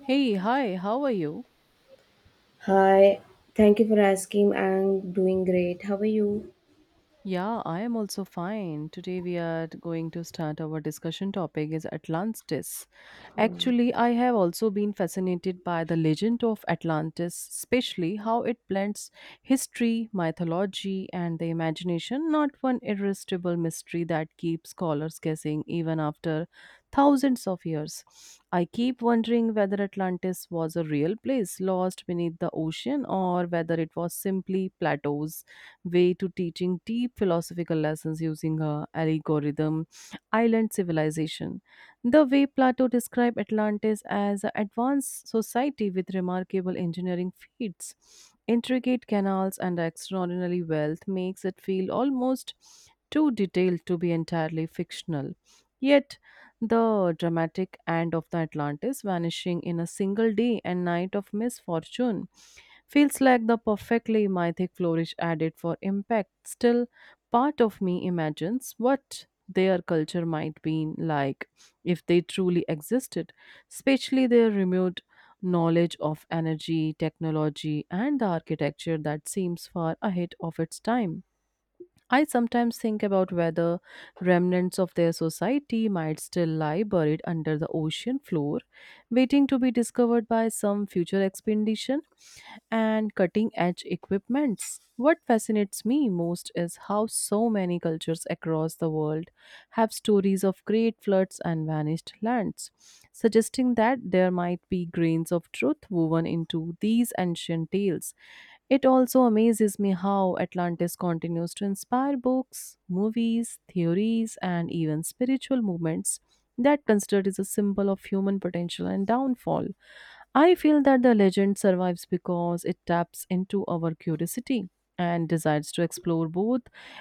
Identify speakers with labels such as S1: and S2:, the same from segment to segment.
S1: Hey, hi, how are you?
S2: Hi, thank you for asking. I'm doing great. How are you?
S1: Yeah, I am also fine. Today we are going to start our discussion topic is Atlantis.
S2: Yeah,
S1: Actually, I have also been fascinated by the legend of Atlantis, especially how it blends history, mythology, and the imagination, not one irresistible mystery that keeps scholars guessing even after thousands of years. I keep wondering whether Atlantis was a real place lost beneath the ocean or whether it was simply plateaus way to teaching deep philosophical lessons using her algorithm island civilization. The way Plato described Atlantis as an advanced society with remarkable engineering feats, intricate canals, and extraordinary wealth makes it feel almost too detailed to be entirely fictional. Yet, the dramatic end of the Atlantis vanishing in a single day and night of misfortune feels like the perfectly mythic flourish added for impact. Still, part of me imagines what their culture might be like if they truly existed, especially their remote knowledge of energy, technology, and the architecture that seems far ahead of its time. I sometimes think about whether remnants of their society might still lie buried under the ocean floor, waiting to be discovered by some future expedition and cutting edge equipments. What fascinates me most is how so many cultures across the world have stories of great floods and vanished lands, suggesting that there might be grains of truth woven into these ancient tales. It also amazes me how Atlantis continues to inspire books, movies, theories, and even spiritual movements that considered is a symbol of human potential and downfall. I feel that the legend survives because it taps into our curiosity and desires to explore both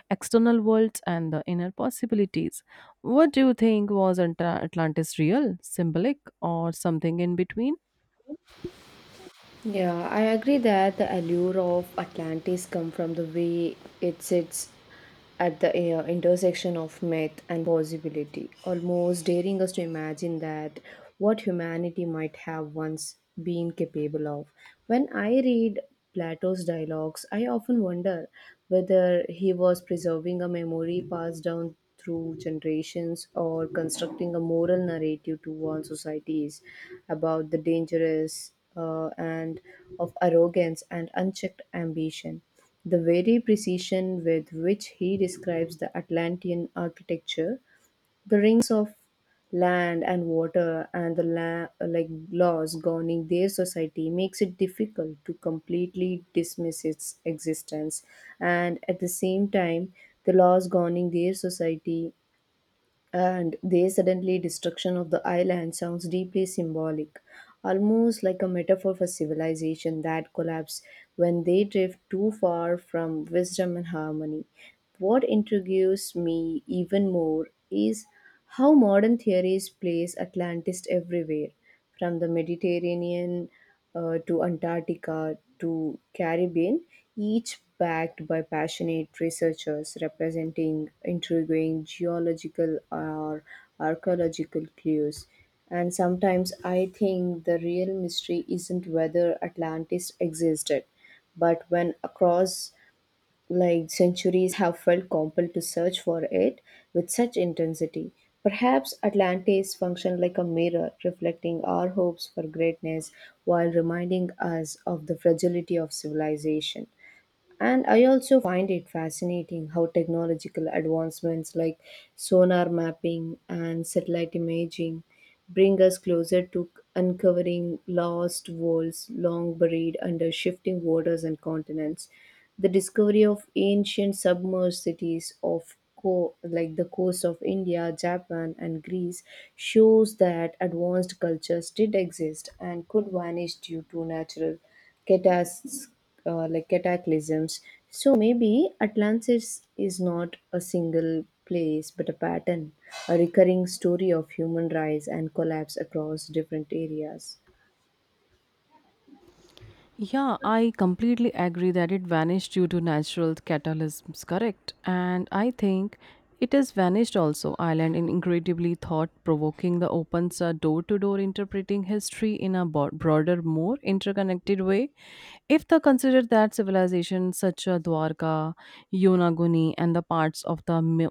S1: external worlds and the inner possibilities. What do you think? Was Atlantis real, symbolic, or something in between?
S2: Yeah, I agree that the allure of Atlantis come from the way it sits at the intersection of myth and possibility, almost daring us to imagine that what humanity might have once been capable of. When I read Plato's dialogues, I often wonder whether he was preserving a memory passed down through generations or constructing a moral narrative to warn societies about the dangerous and of arrogance and unchecked ambition. The very precision with which he describes the Atlantean architecture, the rings of land and water, and the like laws governing their society makes it difficult to completely dismiss its existence. And at the same time, the laws governing their society and their suddenly destruction of the island sounds deeply symbolic, almost like a metaphor for civilization that collapse when they drift too far from wisdom and harmony. What intrigues me even more is how modern theories place Atlantis everywhere, from the Mediterranean to Antarctica to Caribbean, each backed by passionate researchers representing intriguing geological or archaeological clues. And sometimes I think the real mystery isn't whether Atlantis existed, but when across like centuries have felt compelled to search for it with such intensity. Perhaps Atlantis functioned like a mirror, reflecting our hopes for greatness while reminding us of the fragility of civilization. And I also find it fascinating how technological advancements like sonar mapping and satellite imaging bring us closer to uncovering lost worlds long buried under shifting waters and continents. The discovery of ancient submerged cities of like the coast of India, Japan, and Greece shows that advanced cultures did exist and could vanish due to natural catas- like cataclysms. So maybe Atlantis is not a single place but a pattern, a recurring story of human rise and collapse across different areas.
S1: Yeah, I completely agree that it vanished due to natural catalysms, correct? And I think it has vanished also. Ireland in incredibly thought provoking the opens a door to door interpreting history in a broader, more interconnected way. If they consider that civilization such as Dwarka, Yonaguni, and the parts of the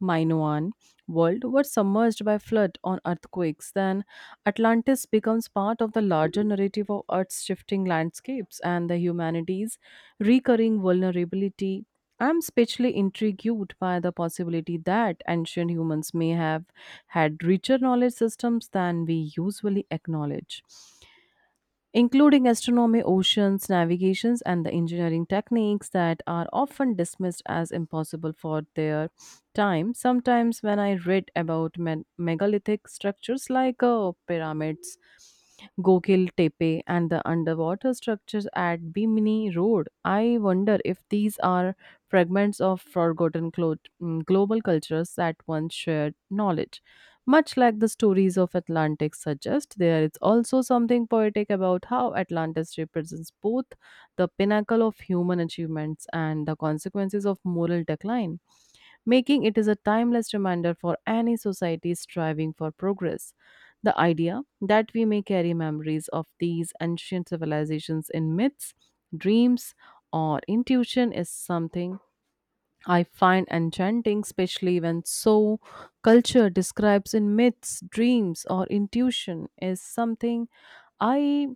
S1: Minoan world were submerged by flood on earthquakes, then Atlantis becomes part of the larger narrative of Earth's shifting landscapes and the humanity's recurring vulnerability. I'm especially intrigued by the possibility that ancient humans may have had richer knowledge systems than we usually acknowledge, including astronomy, oceans, navigations, and the engineering techniques that are often dismissed as impossible for their time. Sometimes, when I read about megalithic structures like pyramids, Gokil Tepe, and the underwater structures at Bimini Road, I wonder if these are fragments of forgotten global cultures that once shared knowledge. Much like the stories of Atlantis suggest, there is also something poetic about how Atlantis represents both the pinnacle of human achievements and the consequences of moral decline, making it is a timeless reminder for any society striving for progress. The idea that we may carry memories of these ancient civilizations in myths, dreams, or intuition is something I find enchanting, especially when so culture describes in myths, dreams, or intuition is something I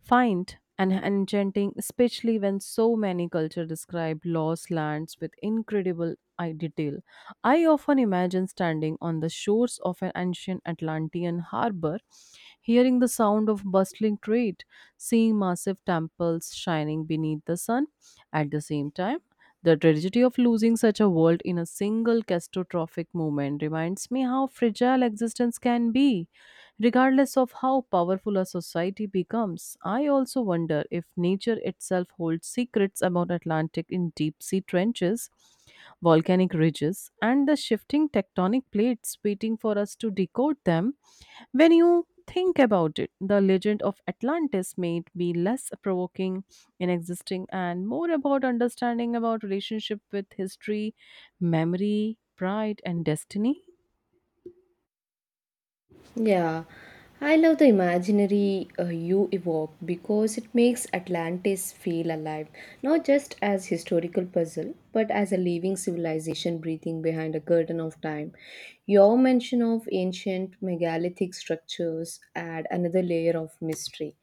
S1: find and enchanting, especially when so many cultures describe lost lands with incredible eye detail. I often imagine standing on the shores of an ancient Atlantean harbor, hearing the sound of bustling trade, seeing massive temples shining beneath the sun. At the same time, the tragedy of losing such a world in a single catastrophic moment reminds me how fragile existence can be, regardless of how powerful a society becomes. I also wonder if nature itself holds secrets about Atlantic in deep sea trenches, volcanic ridges, and the shifting tectonic plates waiting for us to decode them. When you think about it, the legend of Atlantis may be less provoking in existing and more about understanding about relationship with history, memory, pride and destiny.
S2: Yeah, I love the imaginary you evoke because it makes Atlantis feel alive, not just as historical puzzle, but as a living civilization breathing behind a curtain of time. Your mention of ancient megalithic structures add another layer of mystery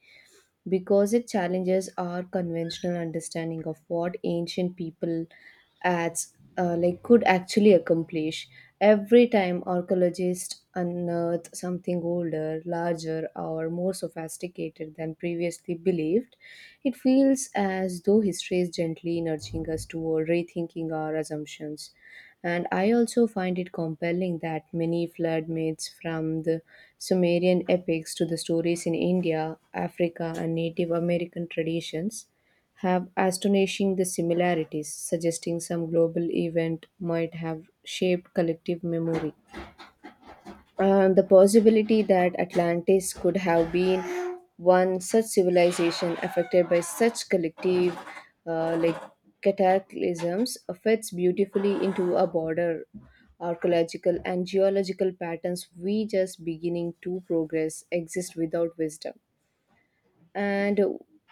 S2: because it challenges our conventional understanding of what ancient people as like could actually accomplish every time archaeologists unearth something older larger or more sophisticated than previously believed it feels as though history is gently nudging us toward rethinking our assumptions and I also find it compelling that many flood myths from the Sumerian epics to the stories in India, Africa, and Native American traditions have astonishing the similarities, suggesting some global event might have shaped collective memory. The possibility that Atlantis could have been one such civilization affected by such collective like cataclysms fits beautifully into a broader archaeological and geological patterns we just beginning to progress exist without wisdom. And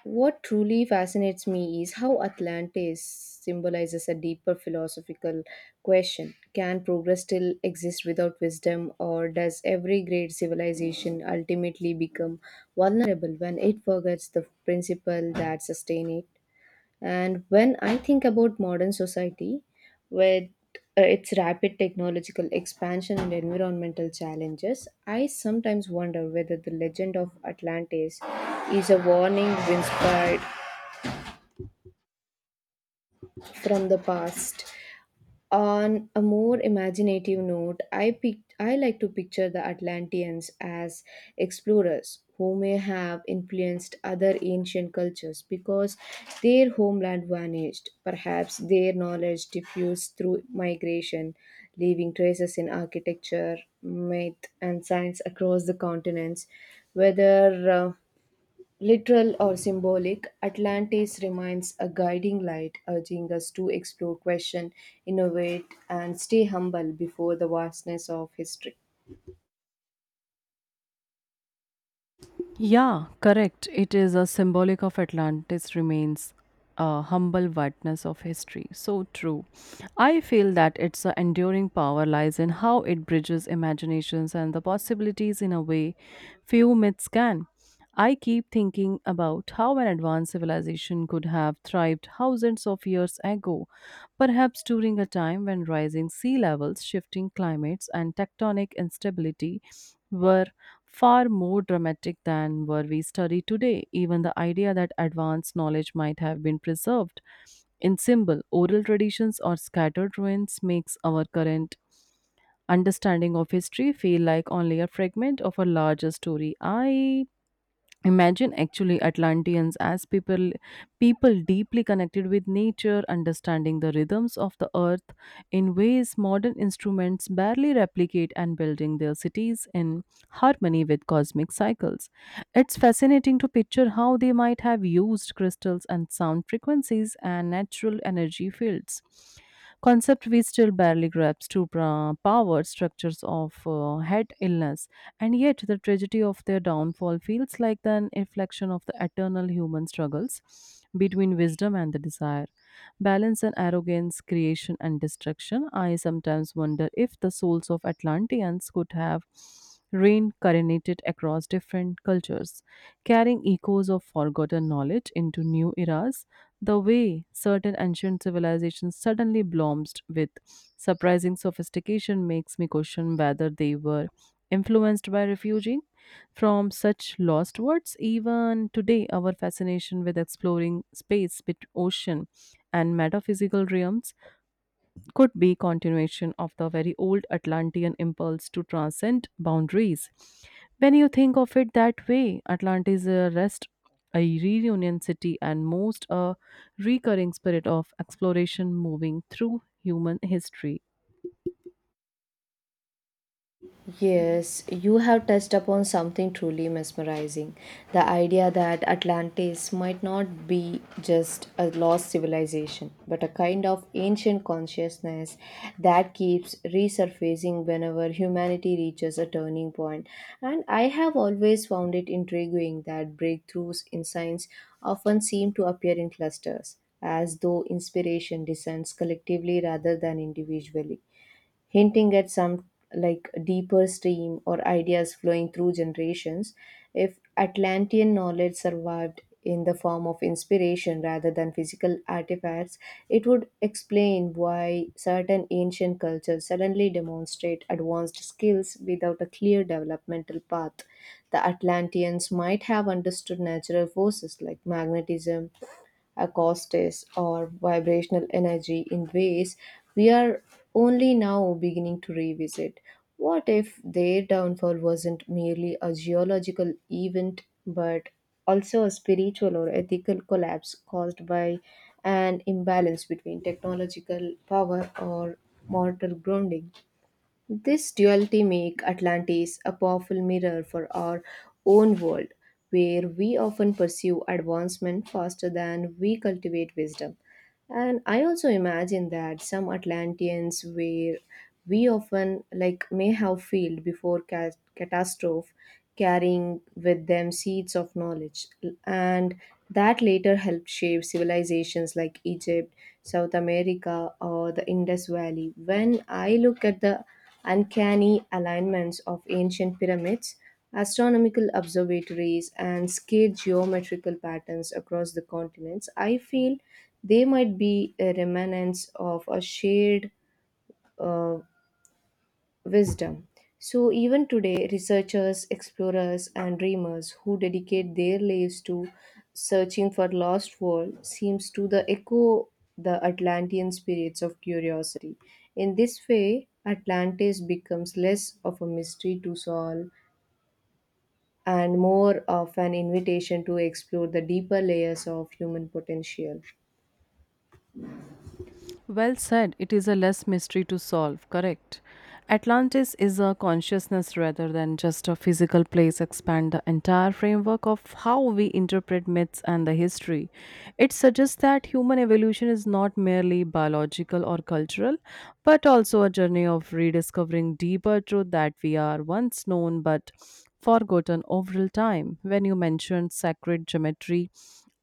S2: what truly fascinates me is how Atlantis symbolizes a deeper philosophical question. Can progress still exist without wisdom, or does every great civilization ultimately become vulnerable when it forgets the principle that sustain it? And when I think about modern society, with its rapid technological expansion and environmental challenges, I sometimes wonder whether the legend of Atlantis is a warning inspired from the past. On a more imaginative note, I like to picture the Atlanteans as explorers who may have influenced other ancient cultures because their homeland vanished. Perhaps their knowledge diffused through migration, leaving traces in architecture, myth, and science across the continents. Whether literal or symbolic, Atlantis remains a guiding light, urging us to explore, question, innovate, and stay humble before the vastness of history.
S1: Yeah, correct. It is a symbolic of Atlantis remains a humble witness of history. So true. I feel that its a enduring power lies in how it bridges imaginations and the possibilities in a way few myths can. I keep thinking about how an advanced civilization could have thrived thousands of years ago, perhaps during a time when rising sea levels, shifting climates, and tectonic instability were far more dramatic than were we study today. Even the idea that advanced knowledge might have been preserved in symbol, oral traditions, or scattered ruins makes our current understanding of history feel like only a fragment of a larger story. I imagine actually atlanteans as people deeply connected with nature, understanding the rhythms of the earth in ways modern instruments barely replicate, and building their cities in harmony with cosmic cycles. It's fascinating to picture how they might have used crystals and sound frequencies and natural energy fields, concept we still barely grasp, to power structures of head illness. And yet, the tragedy of their downfall feels like an reflection of the eternal human struggles between wisdom and the desire, balance and arrogance, creation and destruction. I sometimes wonder if the souls of Atlanteans could have reincarnated across different cultures, carrying echoes of forgotten knowledge into new eras. The way certain ancient civilizations suddenly bloomed with surprising sophistication makes me question whether they were influenced by refuging from such lost words. Even today, our fascination with exploring space, bit ocean, and metaphysical realms could be continuation of the very old Atlantean impulse to transcend boundaries. When you think of it that way, Atlantis is a rest, a reunion city, and most a recurring spirit of exploration moving through human history.
S2: Yes, you have touched upon something truly mesmerizing. The idea that Atlantis might not be just a lost civilization, but a kind of ancient consciousness that keeps resurfacing whenever humanity reaches a turning point. And I have always found it intriguing that breakthroughs in science often seem to appear in clusters, as though inspiration descends collectively rather than individually, hinting at some like deeper stream or ideas flowing through generations. If Atlantean knowledge survived in the form of inspiration rather than physical artifacts, it would explain why certain ancient cultures suddenly demonstrate advanced skills without a clear developmental path. The Atlanteans might have understood natural forces like magnetism, acoustics, or vibrational energy in ways we are only now beginning to revisit. What if their downfall wasn't merely a geological event but also a spiritual or ethical collapse caused by an imbalance between technological power or mortal grounding? This duality makes Atlantis a powerful mirror for our own world, where we often pursue advancement faster than we cultivate wisdom. And I also imagine that some Atlanteans were we often like may have failed before catastrophe, carrying with them seeds of knowledge, and that later helped shape civilizations like Egypt, South America, or the Indus Valley. When I look at the uncanny alignments of ancient pyramids, astronomical observatories, and scale geometrical patterns across the continents, I feel they might be a remnants of a shared uh, wisdom. So, even today, researchers, explorers, and dreamers who dedicate their lives to searching for lost world seems to the echo the Atlantean spirits of curiosity. In this way, Atlantis becomes less of a mystery to solve and more of an invitation to explore the deeper layers of human potential.
S1: Well said, it is a less mystery to solve, correct? Atlantis is a consciousness rather than just a physical place, expand the entire framework of how we interpret myths and the history. It suggests that human evolution is not merely biological or cultural, but also a journey of rediscovering deeper truth that we are once known but forgotten over time. When you mentioned sacred geometry,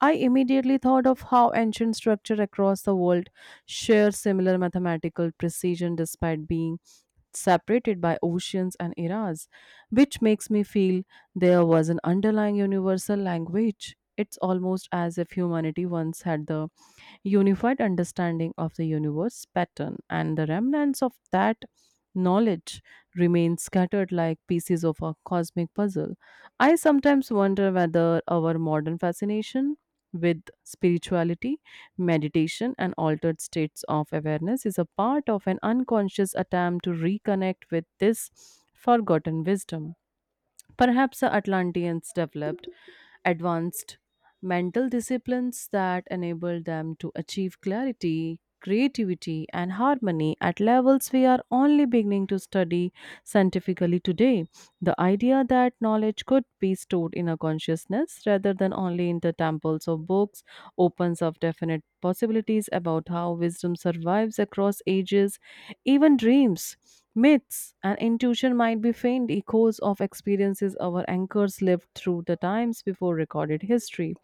S1: I immediately thought of how ancient structure across the world share similar mathematical precision despite being separated by oceans and eras, which makes me feel there was an underlying universal language. It's almost as if humanity once had the unified understanding of the universe pattern, and the remnants of that knowledge remain scattered like pieces of a cosmic puzzle. I sometimes wonder whether our modern fascination with spirituality, meditation, and altered states of awareness is a part of an unconscious attempt to reconnect with this forgotten wisdom. Perhaps the Atlanteans developed advanced mental disciplines that enable them to achieve clarity, creativity, and harmony at levels we are only beginning to study scientifically today. The idea that knowledge could be stored in a consciousness rather than only in the temples of books opens up definite possibilities about how wisdom survives across ages. Even dreams, myths, and intuition might be faint echoes of experiences our anchors lived through the times before recorded history.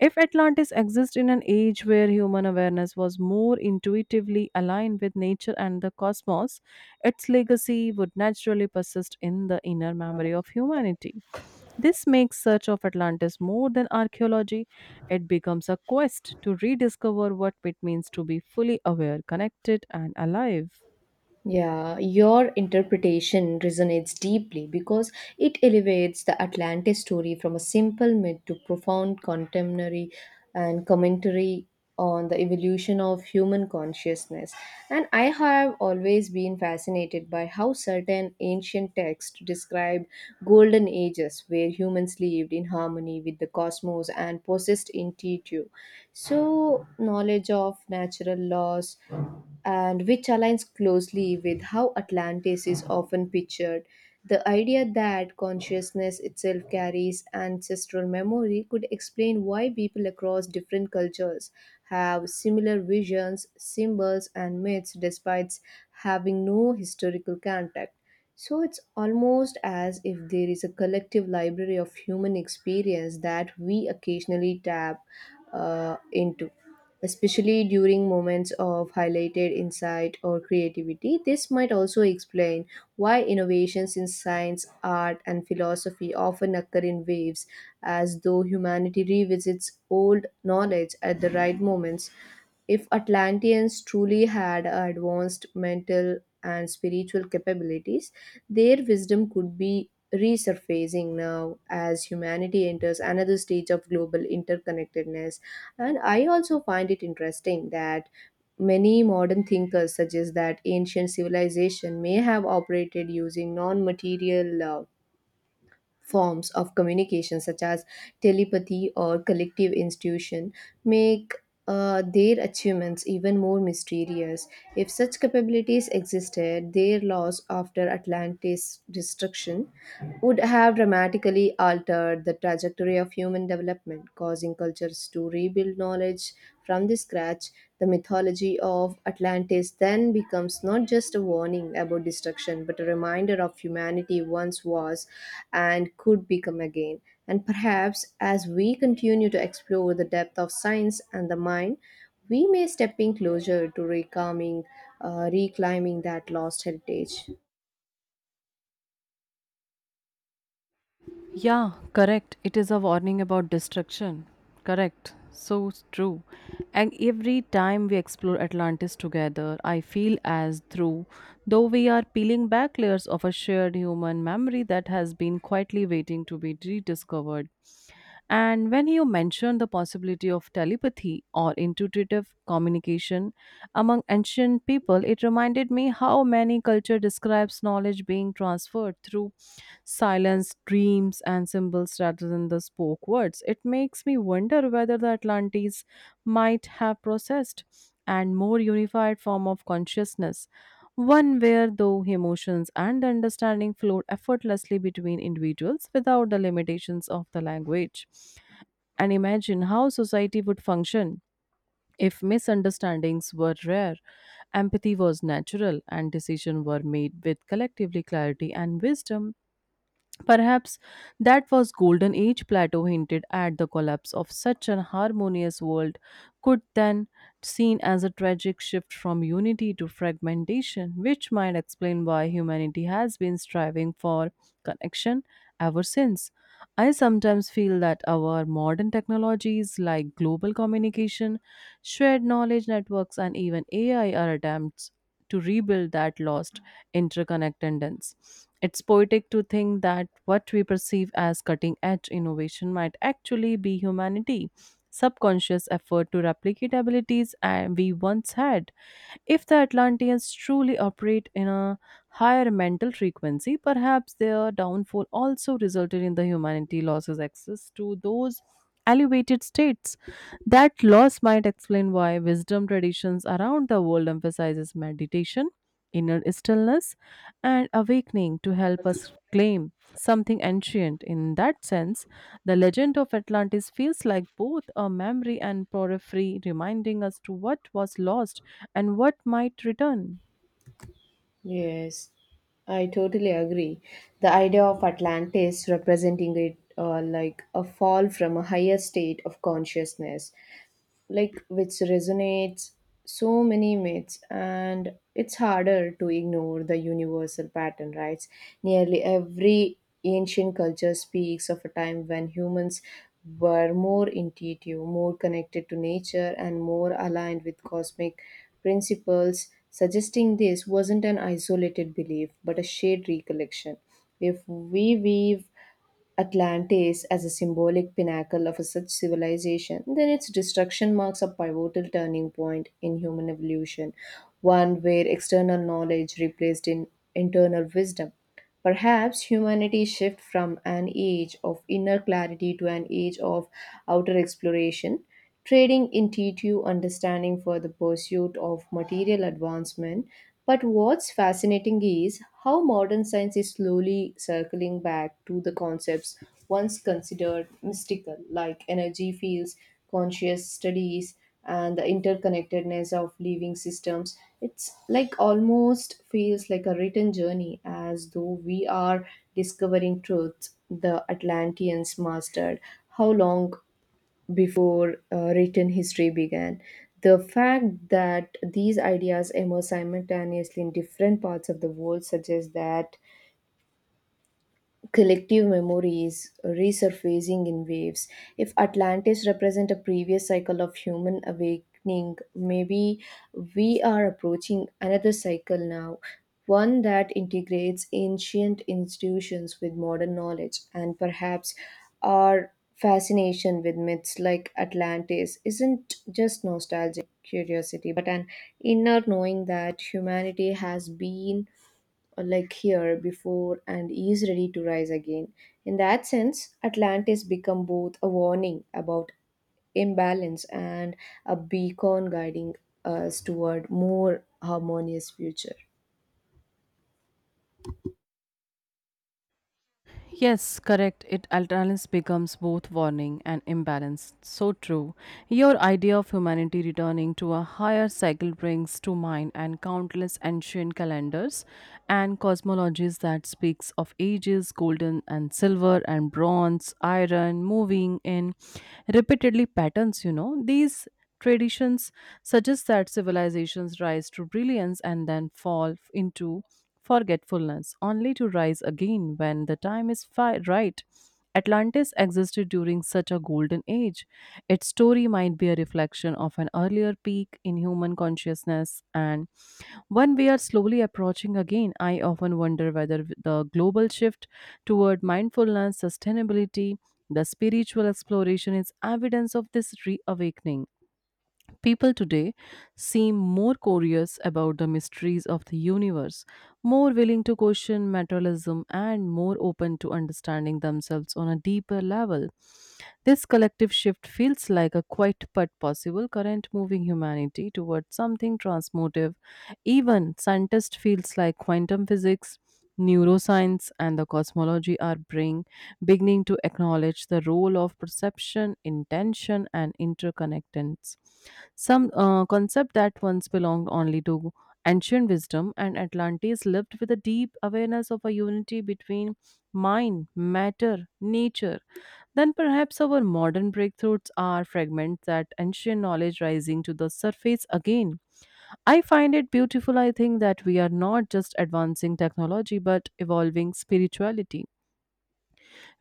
S1: If Atlantis exists in an age where human awareness was more intuitively aligned with nature and the cosmos, its legacy would naturally persist in the inner memory of humanity. This makes search of Atlantis more than archaeology. It becomes a quest to rediscover what it means to be fully aware, connected, and alive.
S2: Yeah, your interpretation resonates deeply because it elevates the Atlantis story from a simple myth to profound contemporary and commentary on the evolution of human consciousness. And I have always been fascinated by how certain ancient texts describe golden ages where humans lived in harmony with the cosmos and possessed intuition. So, knowledge of natural laws and which aligns closely with how Atlantis is often pictured. The idea that consciousness itself carries ancestral memory could explain why people across different cultures have similar visions, symbols, and myths despite having no historical contact. So it's almost as if there is a collective library of human experience that we occasionally tap into, especially during moments of highlighted insight or creativity. This might also explain why innovations in science, art, and philosophy often occur in waves, as though humanity revisits old knowledge at the right moments. If Atlanteans truly had advanced mental and spiritual capabilities, their wisdom could be resurfacing now as humanity enters another stage of global interconnectedness. And I also find it interesting that many modern thinkers suggest that ancient civilization may have operated using non material forms of communication, such as telepathy or collective institution, make their achievements even more mysterious. If such capabilities existed, their loss after Atlantis destruction would have dramatically altered the trajectory of human development, causing cultures to rebuild knowledge from the scratch. The mythology of Atlantis then becomes not just a warning about destruction, but a reminder of humanity once was and could become again. And perhaps as we continue to explore the depth of science and the mind, we may step in closer to reclaiming that lost heritage.
S1: Yeah, correct. It is a warning about destruction. Correct. So true. And every time we explore Atlantis together, I feel as through though we are peeling back layers of a shared human memory that has been quietly waiting to be rediscovered. And when you mentioned the possibility of telepathy or intuitive communication among ancient people, it reminded me how many culture describes knowledge being transferred through silence, dreams, and symbols rather than the spoke words. It makes me wonder whether the Atlantes might have processed and more unified form of consciousness, one where though emotions and understanding flowed effortlessly between individuals without the limitations of the language. And imagine how society would function if misunderstandings were rare, empathy was natural, and decisions were made with collectively clarity and wisdom. Perhaps that was golden age Plato hinted at. The collapse of such an harmonious world could then seen as a tragic shift from unity to fragmentation, which might explain why humanity has been striving for connection ever since. I sometimes feel that our modern technologies like global communication, shared knowledge networks, and even ai are attempts to rebuild that lost interconnectedness. It's poetic to think that what we perceive as cutting edge innovation might actually be humanity subconscious effort to replicate abilities we once had. If the Atlanteans truly operate in a higher mental frequency, perhaps their downfall also resulted in the humanity losses access to those elevated states. That loss might explain why wisdom traditions around the world emphasizes meditation, inner stillness, and awakening to help us claim something ancient. In that sense, the legend of Atlantis feels like both a memory and porphyry, reminding us to what was lost and what might return.
S2: Yes, I totally agree. The idea of Atlantis representing it like a fall from a higher state of consciousness like which resonates so many myths and it's harder to ignore the universal pattern, right? Nearly every ancient culture speaks of a time when humans were more intuitive, more connected to nature, and more aligned with cosmic principles, suggesting this wasn't an isolated belief but a shared recollection. If we weave Atlantis as a symbolic pinnacle of a such civilization, then its destruction marks a pivotal turning point in human evolution, one where external knowledge replaced in internal wisdom. Perhaps humanity shifts from an age of inner clarity to an age of outer exploration, trading intuitive understanding for the pursuit of material advancement. But what's fascinating is how modern science is slowly circling back to the concepts once considered mystical, like energy fields, conscious studies, and the interconnectedness of living systems. It's like almost feels like a written journey, as though we are discovering truths the Atlanteans mastered how long before written history began. The fact that these ideas emerge simultaneously in different parts of the world suggests that collective memories resurfacing in waves. If Atlantis represent a previous cycle of human awakening, maybe we are approaching another cycle now, one that integrates ancient institutions with modern knowledge. And perhaps our fascination with myths like Atlantis isn't just nostalgic curiosity but an inner knowing that humanity has been like here before and is ready to rise again. In that sense, Atlantis become both a warning about imbalance and a beacon guiding us toward more harmonious future.
S1: Yes, correct. It alternance becomes both warning and imbalance. So true. Your idea of humanity returning to a higher cycle brings to mind and countless ancient calendars and cosmologies that speaks of ages, golden and silver and bronze, iron, moving in repeatedly patterns. These traditions suggest that civilizations rise to brilliance and then fall into forgetfulness, only to rise again when the time is right. Atlantis existed during such a golden age. Its story might be a reflection of an earlier peak in human consciousness, and one we are slowly approaching again. I often wonder whether the global shift toward mindfulness, sustainability, the spiritual exploration is evidence of this reawakening. People today seem more curious about the mysteries of the universe, more willing to question materialism, and more open to understanding themselves on a deeper level. This collective shift feels like a quiet but possible current moving humanity towards something transformative. Even scientists feels like quantum physics, neuroscience, and the cosmology beginning to acknowledge the role of perception, intention, and interconnectedness. Some concept that once belonged only to ancient wisdom and Atlantis lived with a deep awareness of a unity between mind, matter, nature. Then perhaps our modern breakthroughs are fragments that ancient knowledge rising to the surface again. I find it beautiful. I think that we are not just advancing technology but evolving spirituality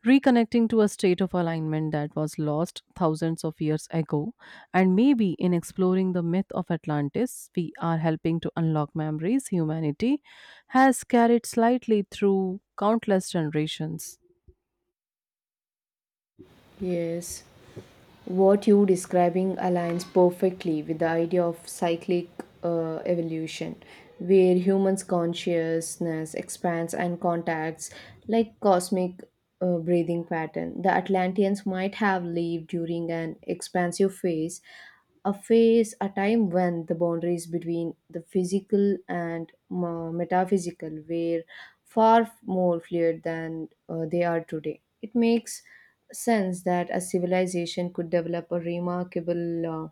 S1: reconnecting to a state of alignment that was lost thousands of years ago. And maybe in exploring the myth of Atlantis, we are helping to unlock memories humanity has carried slightly through countless generations.
S2: Yes. What you describing aligns perfectly with the idea of cyclic evolution where humans consciousness expands and contacts like cosmic breathing pattern. The Atlanteans might have lived during an expansive phase, a time when the boundaries between the physical and metaphysical were far more fluid than they are today. It makes sense that a civilization could develop a remarkable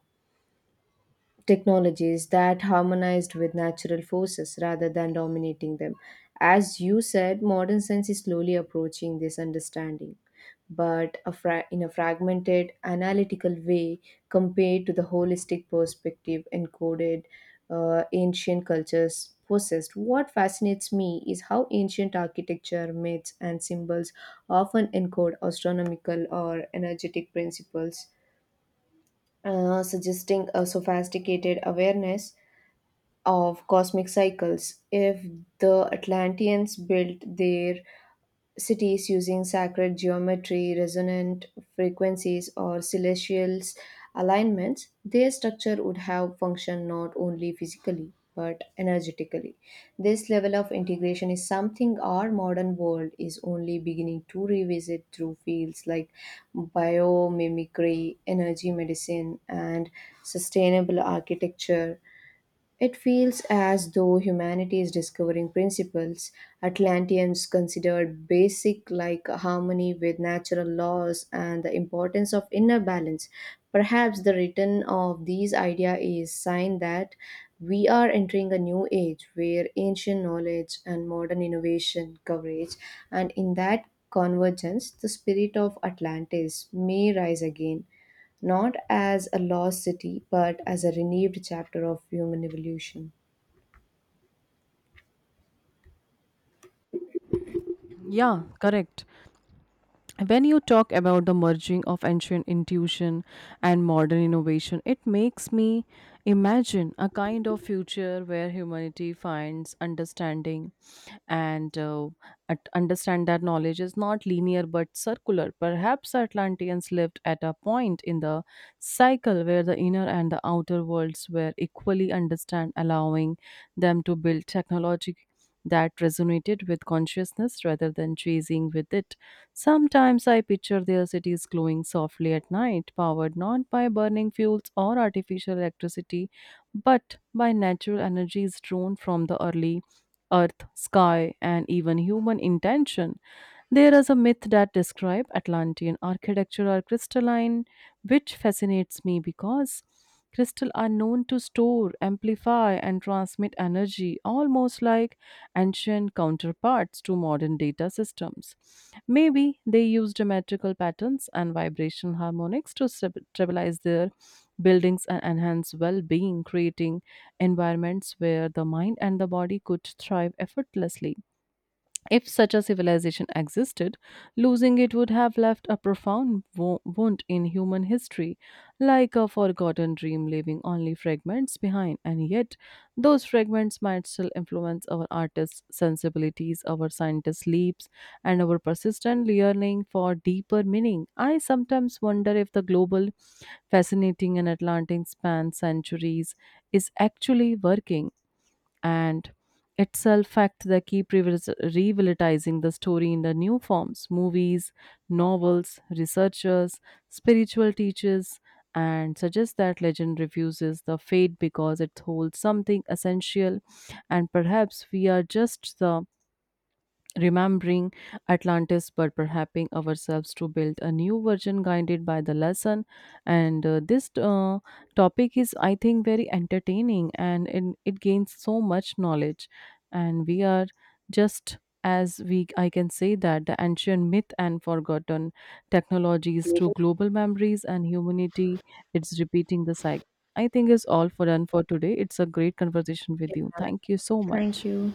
S2: technologies that harmonized with natural forces rather than dominating them. As you said, modern science is slowly approaching this understanding, but in a fragmented, analytical way compared to the holistic perspective encoded ancient cultures possessed. What fascinates me is how ancient architecture, myths, and symbols often encode astronomical or energetic principles, suggesting a sophisticated awareness of cosmic cycles. If the Atlanteans built their cities using sacred geometry, resonant frequencies, or celestial alignments, their structure would have functioned not only physically but energetically. This level of integration is something our modern world is only beginning to revisit through fields like biomimicry, energy medicine, and sustainable architecture. It feels as though humanity is discovering principles Atlanteans considered basic, like harmony with natural laws and the importance of inner balance. Perhaps the return of these ideas is sign that we are entering a new age where ancient knowledge and modern innovation coverage, and in that convergence, the spirit of Atlantis may rise again, not as a lost city, but as a renewed chapter of human evolution.
S1: Yeah, correct. When you talk about the merging of ancient intuition and modern innovation, it makes me imagine a kind of future where humanity finds understanding and understand that knowledge is not linear but circular. Perhaps Atlanteans lived at a point in the cycle where the inner and the outer worlds were equally understand, allowing them to build technology that resonated with consciousness rather than chasing with it. Sometimes I picture their cities glowing softly at night, powered not by burning fuels or artificial electricity, but by natural energies drawn from the early earth, sky, and even human intention. There is a myth that describes Atlantean architecture are crystalline, which fascinates me because crystals are known to store, amplify, and transmit energy almost like ancient counterparts to modern data systems. Maybe they use geometrical patterns and vibrational harmonics to stabilize their buildings and enhance well being, creating environments where the mind and the body could thrive effortlessly. If such a civilization existed, losing it would have left a profound wound in human history, like a forgotten dream leaving only fragments behind. And yet, those fragments might still influence our artists' sensibilities, our scientists' leaps, and our persistent yearning for deeper meaning. I sometimes wonder if the global fascinating and Atlantic span centuries is actually working and itself fact they keep revitalizing the story in the new forms, movies, novels, researchers, spiritual teachers, and suggest that legend refuses the fate because it holds something essential, and perhaps we are just the remembering Atlantis but perhaps ourselves to build a new version guided by the lesson. And this topic is, I think, very entertaining, and it gains so much knowledge. And we are just, as we I can say, that the ancient myth and forgotten technologies to global memories and humanity, it's repeating the cycle. I think is all for done for today. It's a great conversation with
S2: Yeah.
S1: you. Thank you so
S2: Thank
S1: much.
S2: you.